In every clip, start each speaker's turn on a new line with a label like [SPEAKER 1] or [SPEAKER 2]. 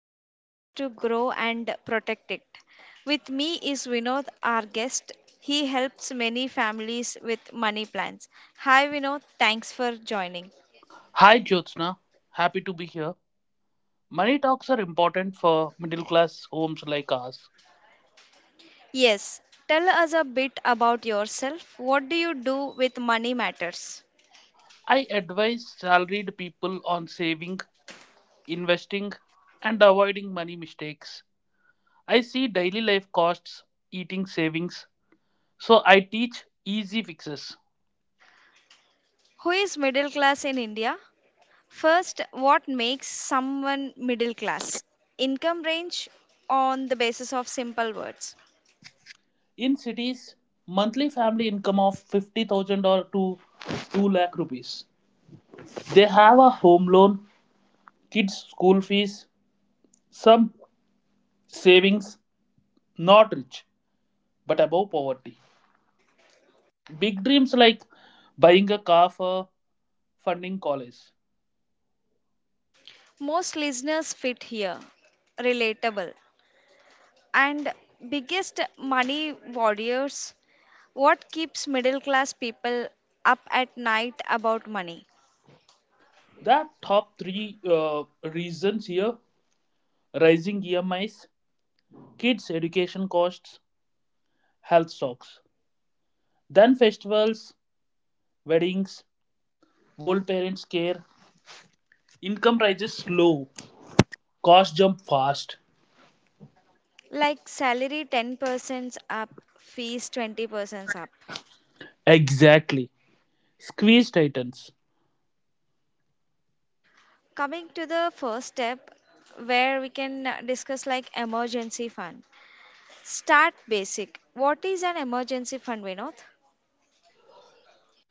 [SPEAKER 1] simple ways to grow and protect it. With me is Vinod, our guest. He helps many families with money plans. Hi Vinod, thanks for joining.
[SPEAKER 2] Hi Jyotsna, happy to be here. Money talks are important for middle class homes like ours.
[SPEAKER 1] Yes, tell us a bit about yourself. What do you do with money matters?
[SPEAKER 2] I advise salaried people on saving, investing, and avoiding money mistakes. I see daily life costs eating savings, so I teach easy fixes.
[SPEAKER 1] Who is middle class in India? First, what makes someone middle class? Income range on the basis of simple words.
[SPEAKER 2] In cities, monthly family income of 50,000 or to 2 lakh rupees. They have a home loan, kids' school fees, some savings, not rich, but above poverty. Big dreams like buying a car for funding college.
[SPEAKER 1] Most listeners fit here. Relatable. And biggest money warriors. What keeps middle class people up at night about money?
[SPEAKER 2] The top three reasons here rising EMIs, kids' education costs, health shocks. Then festivals, weddings, old parents care, income rises slow, costs jump fast.
[SPEAKER 1] Like salary 10% up, fees 20% up.
[SPEAKER 2] Exactly. Squeeze tightens.
[SPEAKER 1] Coming to the first step where we can discuss like emergency fund. Start basic. What is an emergency fund, Vinod?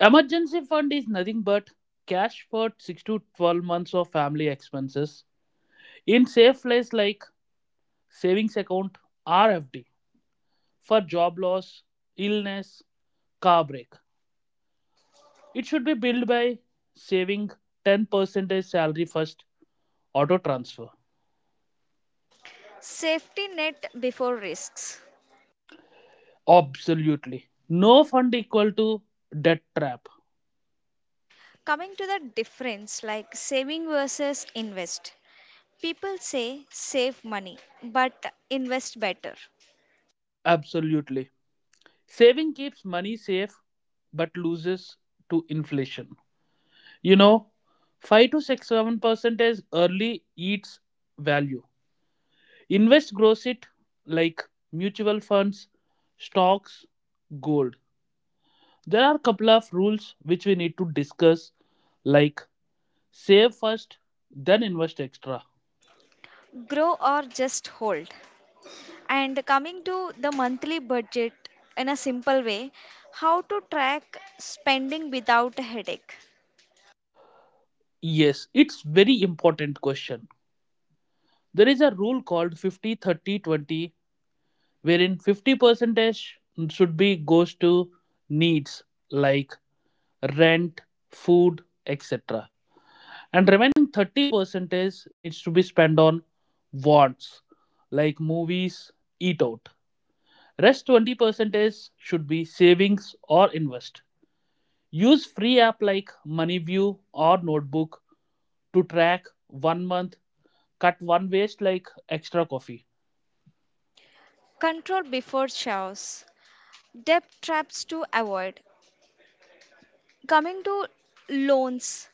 [SPEAKER 2] Emergency fund is nothing but cash for 6 to 12 months of family expenses in safe place like savings account RFD. For job loss, illness, car break. It should be built by saving 10% as salary first, auto transfer.
[SPEAKER 1] Safety net before risks.
[SPEAKER 2] Absolutely. No fund equal to debt trap.
[SPEAKER 1] Coming to the difference like saving versus invest. People say save money, but invest better.
[SPEAKER 2] Absolutely. Saving keeps money safe but loses to inflation. You know, 5 to 6 7% as early eats value. Invest grows it like mutual funds, stocks, gold. There are a couple of rules which we need to discuss, like save first, then invest extra.
[SPEAKER 1] Grow or just hold. And coming to the monthly budget in a simple way, how to track spending without a headache.
[SPEAKER 2] Yes, it's very important question. There is a rule called 50/30/20, wherein 50% should be goes to needs like rent, food, etc. And remaining 30% needs to be spent on wants like movies, eat out. Rest 20% should be savings or invest. Use free app like MoneyView or Notebook to track one month, cut one waste like extra coffee.
[SPEAKER 1] Control before chaos. Debt traps to avoid. Coming to loans.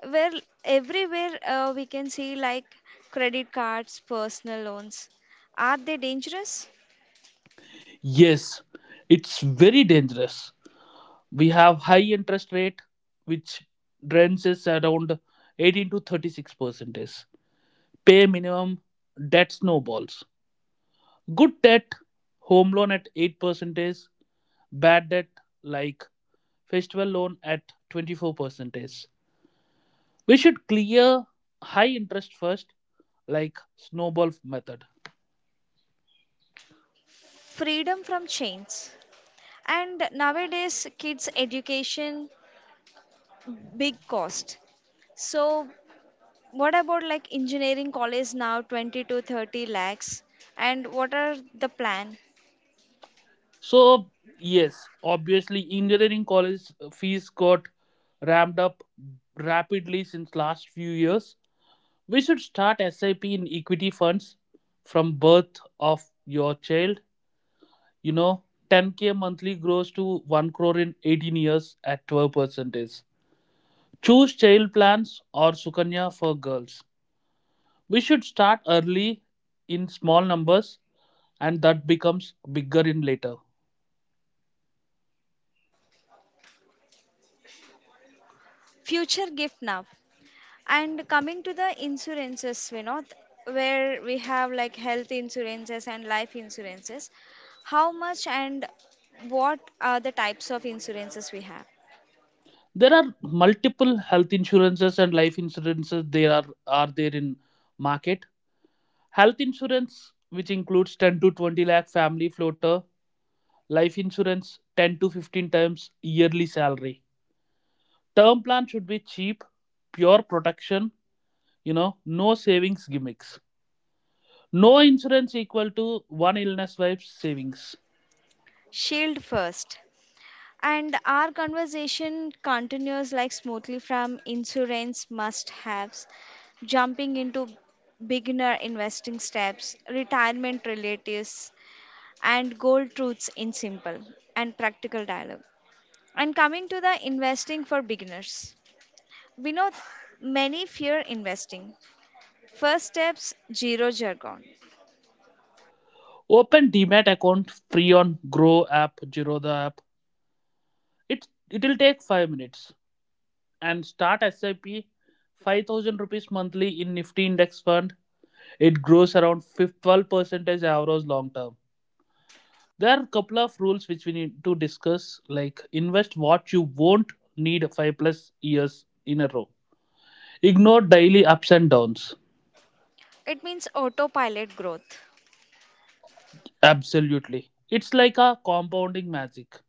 [SPEAKER 1] Well, everywhere we can see like credit cards, personal loans. Are they dangerous?
[SPEAKER 2] Yes, it's very dangerous. We have high interest rate which drains is around 18 to 36 percentage. Pay minimum, debt snowballs. Good debt, home loan at 8 percentage. Bad debt like festival loan at 24 percentage. We should clear high interest first like snowball method.
[SPEAKER 1] Freedom from chains. And nowadays, kids' education, big cost. So, what about like engineering college now, 20 to 30 lakhs? And what are the plan?
[SPEAKER 2] So yes, obviously engineering college fees got ramped up rapidly since last few years. We should start SIP in equity funds from birth of your child, you know 10k monthly grows to 1 crore in 18 years at 12%. Choose child plans or sukanya for girls. We should start early in small numbers, and that becomes bigger in later.
[SPEAKER 1] Future gift now. And coming to the insurances, Vinod, where we have like health insurances and life insurances, how much and what are the types of insurances we have?
[SPEAKER 2] There are multiple health insurances and life insurances. They are there in market. Health insurance which includes 10 to 20 lakh family floater. Life insurance 10 to 15 times yearly salary. Term plan should be cheap, pure protection, you know no savings gimmicks. No insurance equal to one illness wife's savings.
[SPEAKER 1] Shield first. And our conversation continues like smoothly from insurance must haves, jumping into beginner investing steps, retirement relatives, and gold truths in simple and practical dialogue. And coming to the investing for beginners, we know many fear investing. First steps zero jargon.
[SPEAKER 2] Open demat account free on grow app, Zerodha app. It it will take 5 minutes and start SIP 5,000 rupees monthly in Nifty index fund. It grows around 12 percentage average long term. There are a couple of rules which we need to discuss like invest what you won't need 5 plus years in a row. Ignore daily ups and downs.
[SPEAKER 1] It means autopilot growth.
[SPEAKER 2] Absolutely. It's like a compounding magic.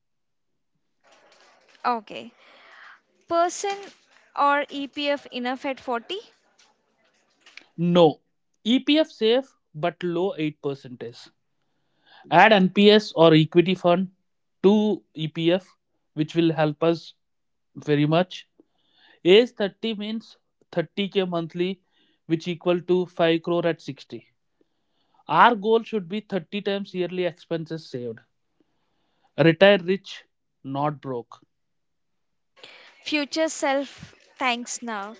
[SPEAKER 1] Okay. Person or EPF enough at 40?
[SPEAKER 2] No. EPF safe but low 8 percentage. Add NPS or equity fund to EPF, which will help us very much. Age 30 means 30k monthly, which equal to 5 crore at 60. Our goal should be 30 times yearly expenses saved. Retire rich, not broke.
[SPEAKER 1] Future self thanks now.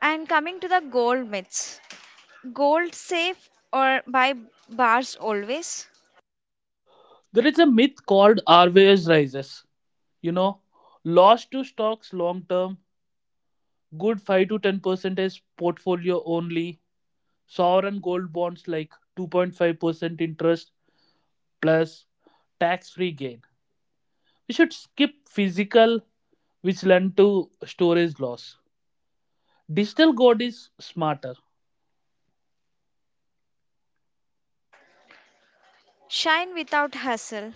[SPEAKER 1] And coming to the gold myths, gold safe or buy bars always?
[SPEAKER 2] There is a myth called RVS rises. You know, loss to stocks long term, good 5 to 10% is portfolio only, sovereign gold bonds like 2.5% interest plus tax free gain. We should skip physical, which lend to storage loss. Digital gold is smarter,
[SPEAKER 1] Shine without hassle.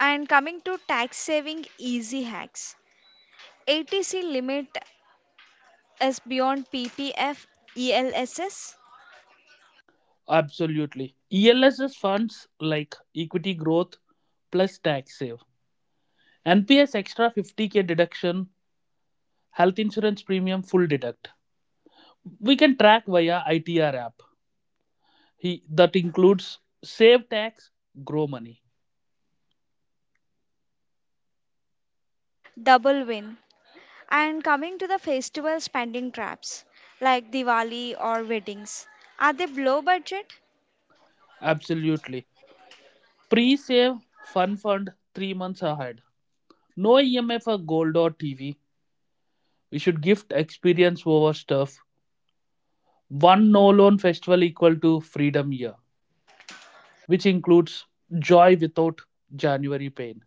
[SPEAKER 1] And coming to tax saving easy hacks. ATC limit is beyond PPF ELSS.
[SPEAKER 2] absolutely. ELSS funds like equity growth plus tax save. NPS extra 50k deduction, health insurance premium full deduct. We can track via ITR app. He, that includes save tax, grow money.
[SPEAKER 1] Double win. And coming to the festival spending traps like Diwali or weddings, are they low budget?
[SPEAKER 2] Absolutely. Pre save, fun fund 3 months ahead. No EMI for gold or TV. We should gift experience over stuff. One no loan festival equal to freedom year, which includes joy without January pain.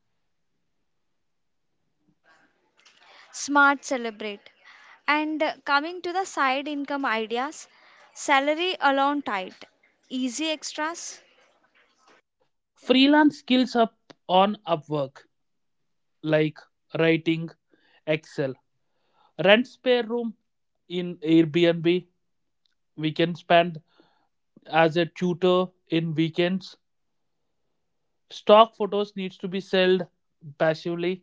[SPEAKER 1] Smart celebrate. And coming to the side income ideas, salary alone tight, easy extras,
[SPEAKER 2] Freelance skills up on Upwork, like writing, Excel. Rent spare room in Airbnb. We can spend as a tutor in weekends. Stock photos needs to be sold passively.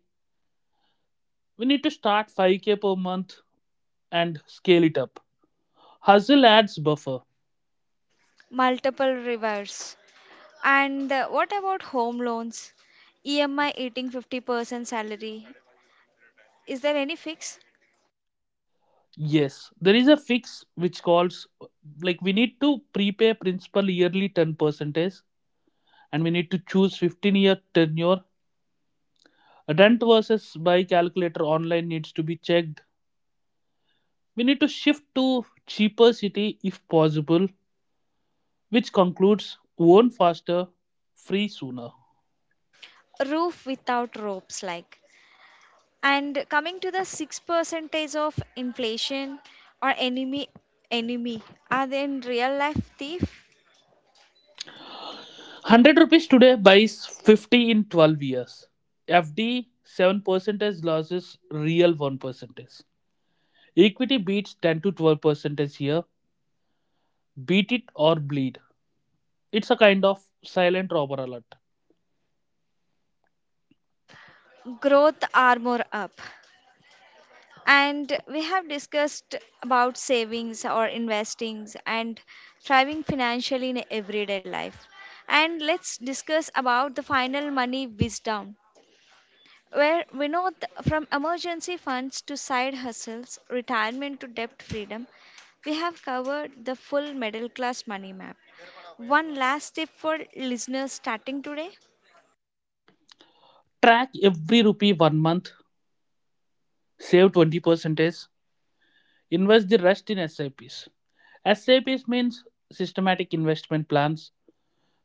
[SPEAKER 2] We need to start 5k per month and scale it up. Hustle adds buffer.
[SPEAKER 1] multiple reverse. And what about home loans? EMI eating 50% salary. Is there any fix?
[SPEAKER 2] Yes, there is a fix which calls like we need to prepay principal yearly 10 percentage and we need to choose 15-year tenure. Rent versus buy calculator online needs to be checked. We need to shift to cheaper city if possible, which concludes own faster, free sooner.
[SPEAKER 1] Roof without ropes like. And coming to the six percentage of inflation or enemy, are they in real life thief
[SPEAKER 2] 100 rupees today buys 50 in 12 years. FD 7% losses, real 1%. Equity beats 10 to 12% here. Beat it or bleed. It's a kind of silent robber alert.
[SPEAKER 1] growth are more up. And we have discussed about savings or investings and thriving financially in everyday life. And let's discuss about the final money wisdom where we know from emergency funds to side hustles, retirement to debt freedom, we have covered the full middle class money map. One last tip for listeners starting today,
[SPEAKER 2] Track every rupee one month. Save 20% is invest the rest in SIPs. SIPs means systematic investment plans.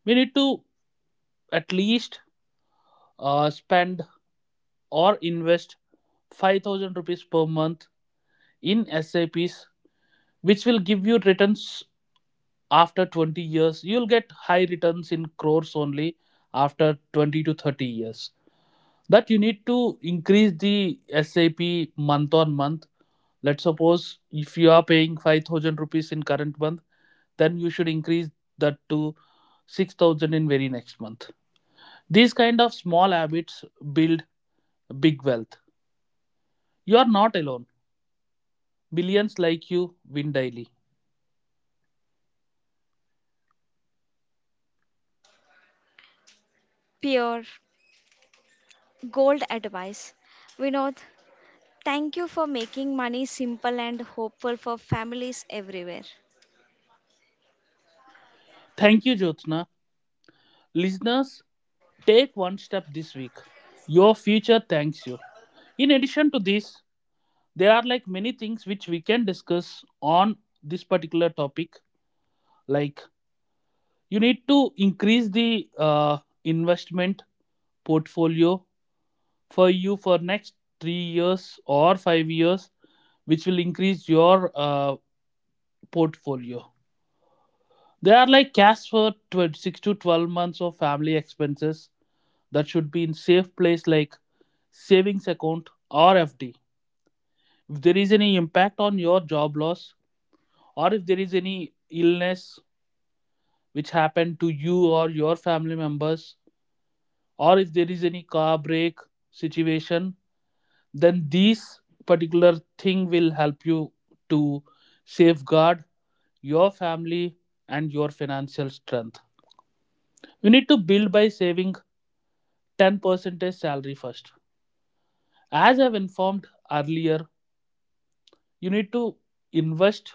[SPEAKER 2] We need to at least spend or invest 5,000 rupees per month in SIPs, which will give you returns after 20 years. You'll get high returns in crores only after 20 to 30 years. That you need to increase the sap month on month. Let's suppose if you are paying 5,000 rupees in current month, then you should increase that to 6,000 in very next month. These kind of small habits build big wealth. You are not alone. Millions like you win daily.
[SPEAKER 1] pure gold advice. Vinod, thank you for making money simple and hopeful for families everywhere.
[SPEAKER 2] Thank you, Jyotsna. Listeners, take one step this week. Your future thanks you. In addition to this, there are like many things which we can discuss on this particular topic. Like you need to increase the investment portfolio for you for next 3 years or 5 years, which will increase your portfolio. There are like cash for 6 to 12 months of family expenses that should be in safe place like savings account or FD. If there is any impact on your job loss, or if there is any illness which happened to you or your family members, or if there is any car break situation, then these particular thing will help you to safeguard your family and your financial strength. You need to build by saving 10% salary first. As I've informed earlier, you need to invest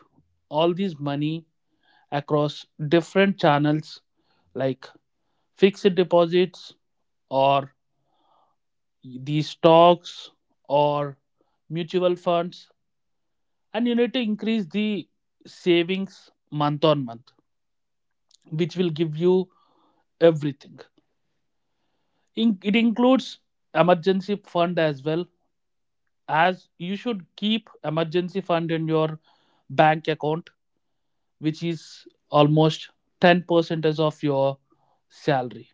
[SPEAKER 2] all this money across different channels like fixed deposits or the stocks or mutual funds, and you need to increase the savings month on month, which will give you everything. It includes emergency fund as well. As you should keep emergency fund in your bank account which is almost 10% of your salary.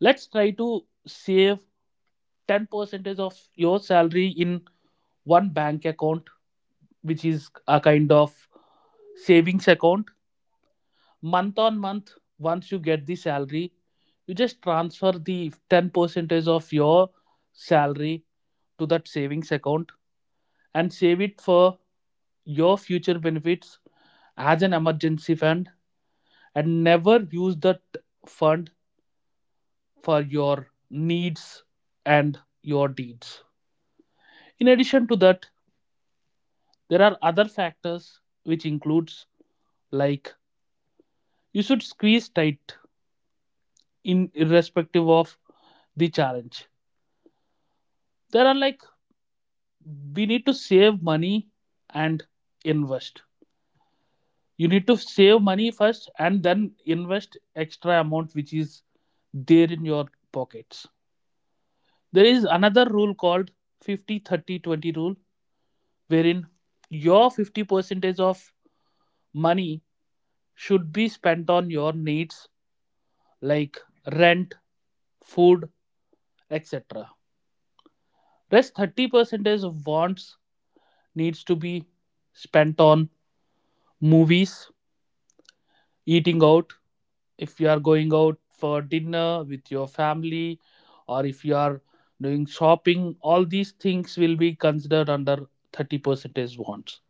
[SPEAKER 2] Let's try to save 10% of your salary in one bank account which is a kind of savings account. Month on month, once you get the salary, you just transfer the 10 percentage of your salary to that savings account and save it for your future benefits as an emergency fund, and never use that fund for your needs and your deeds. In addition to that, there are other factors which includes like you should squeeze tight in irrespective of the challenge. There are like we need to save money and invest. You need to save money first and then invest extra amount which is there in your pockets. There is another rule called 50/30/20 rule wherein your 50 percentage of money should be spent on your needs like rent, food, etc. Rest 30 percentage of wants needs to be spent on movies, eating out. If you are going out for dinner with your family, or if you are doing shopping, all these things will be considered under 30% wants.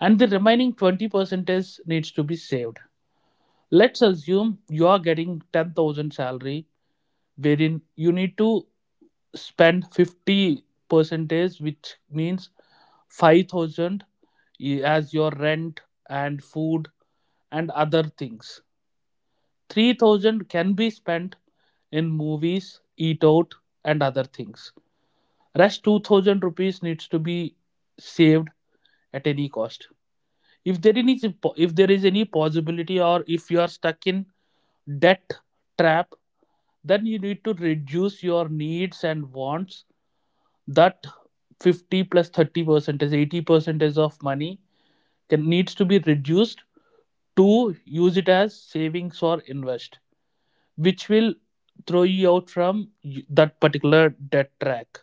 [SPEAKER 2] And the remaining 20% needs to be saved. Let's assume you are getting 10,000 salary, wherein you need to spend 50 percentage, which means 5,000 as your rent and food and other things. 3,000 can be spent in movies, eat out and other things. Rest 2,000 rupees needs to be saved at any cost. If there is any if there is any possibility, or if you are stuck in debt trap, then you need to reduce your needs and wants. That 50 plus 30% is 80% of money can needs to be reduced to use it as savings or invest, which will throw you out from that particular debt track.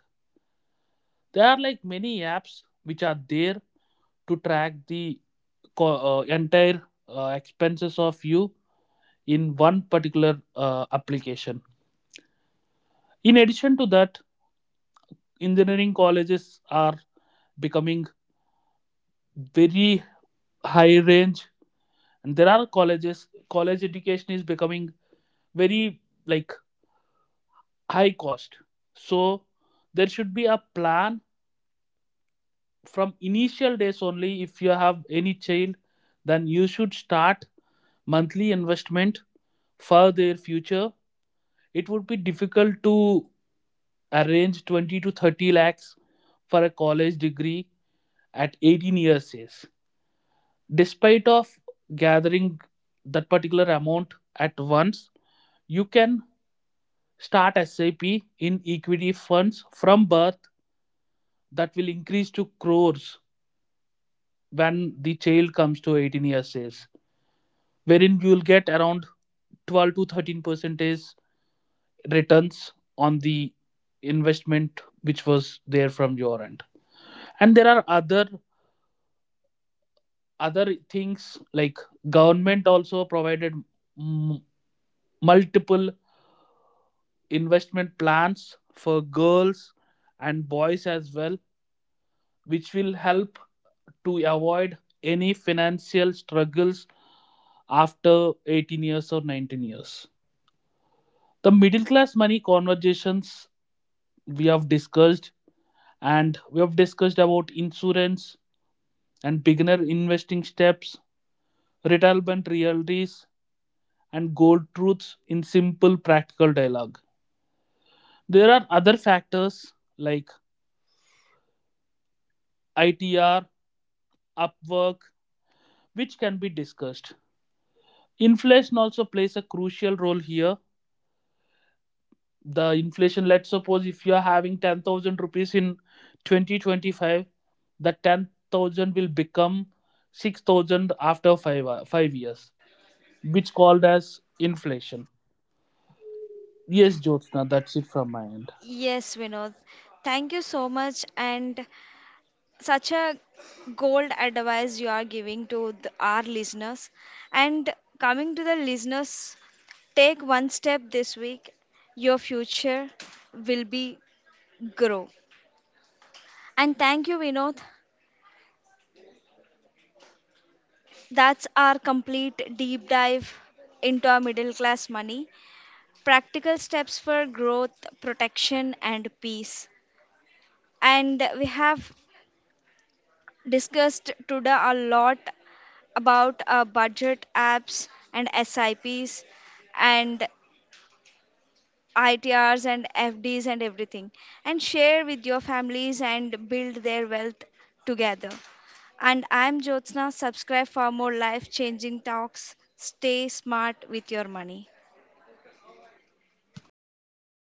[SPEAKER 2] There are like many apps which are there to track the entire expenses of you in one particular application. In addition to that, engineering colleges are becoming very high range, and there are colleges. College education is becoming very like high cost. So there should be a plan from initial days only. If you have any child, then you should start monthly investment for their future. It would be difficult to arrange 20 to 30 lakhs for a college degree at 18 years age. Despite of gathering that particular amount at once, you can start SIP in equity funds from birth that will increase to crores when the child comes to 18 years age, wherein you will get around 12 to 13 percentage returns on the investment which was there from your end. And there are other things like government also provided m- multiple investment plans for girls and boys as well, which will help to avoid any financial struggles after 18 years or 19 years. The middle class money conversations we have discussed, and we have discussed about insurance and beginner investing steps, retirement realities, and gold truths in simple practical dialogue. There are other factors like ITR, Upwork, which can be discussed. Inflation also plays a crucial role here. The inflation, let's suppose if you are having 10,000 rupees in 2025, the 10,000 will become 6,000 after 5 years, which called as inflation. Yes, Jyotsna, that's it from my end.
[SPEAKER 1] Yes, Vinod, thank you so much and such a gold advice you are giving to the, our listeners. And coming to the listeners, take one step this week, your future will be grow. And thank you, Vinod. That's our complete deep dive into our middle class money, practical steps for growth, protection, and peace. And we have discussed today a lot about budget apps and SIPs and ITRs and FDs and everything, and share with your families and build their wealth together. And I'm Jyotsna. Subscribe for more life changing talks. Stay smart with your money.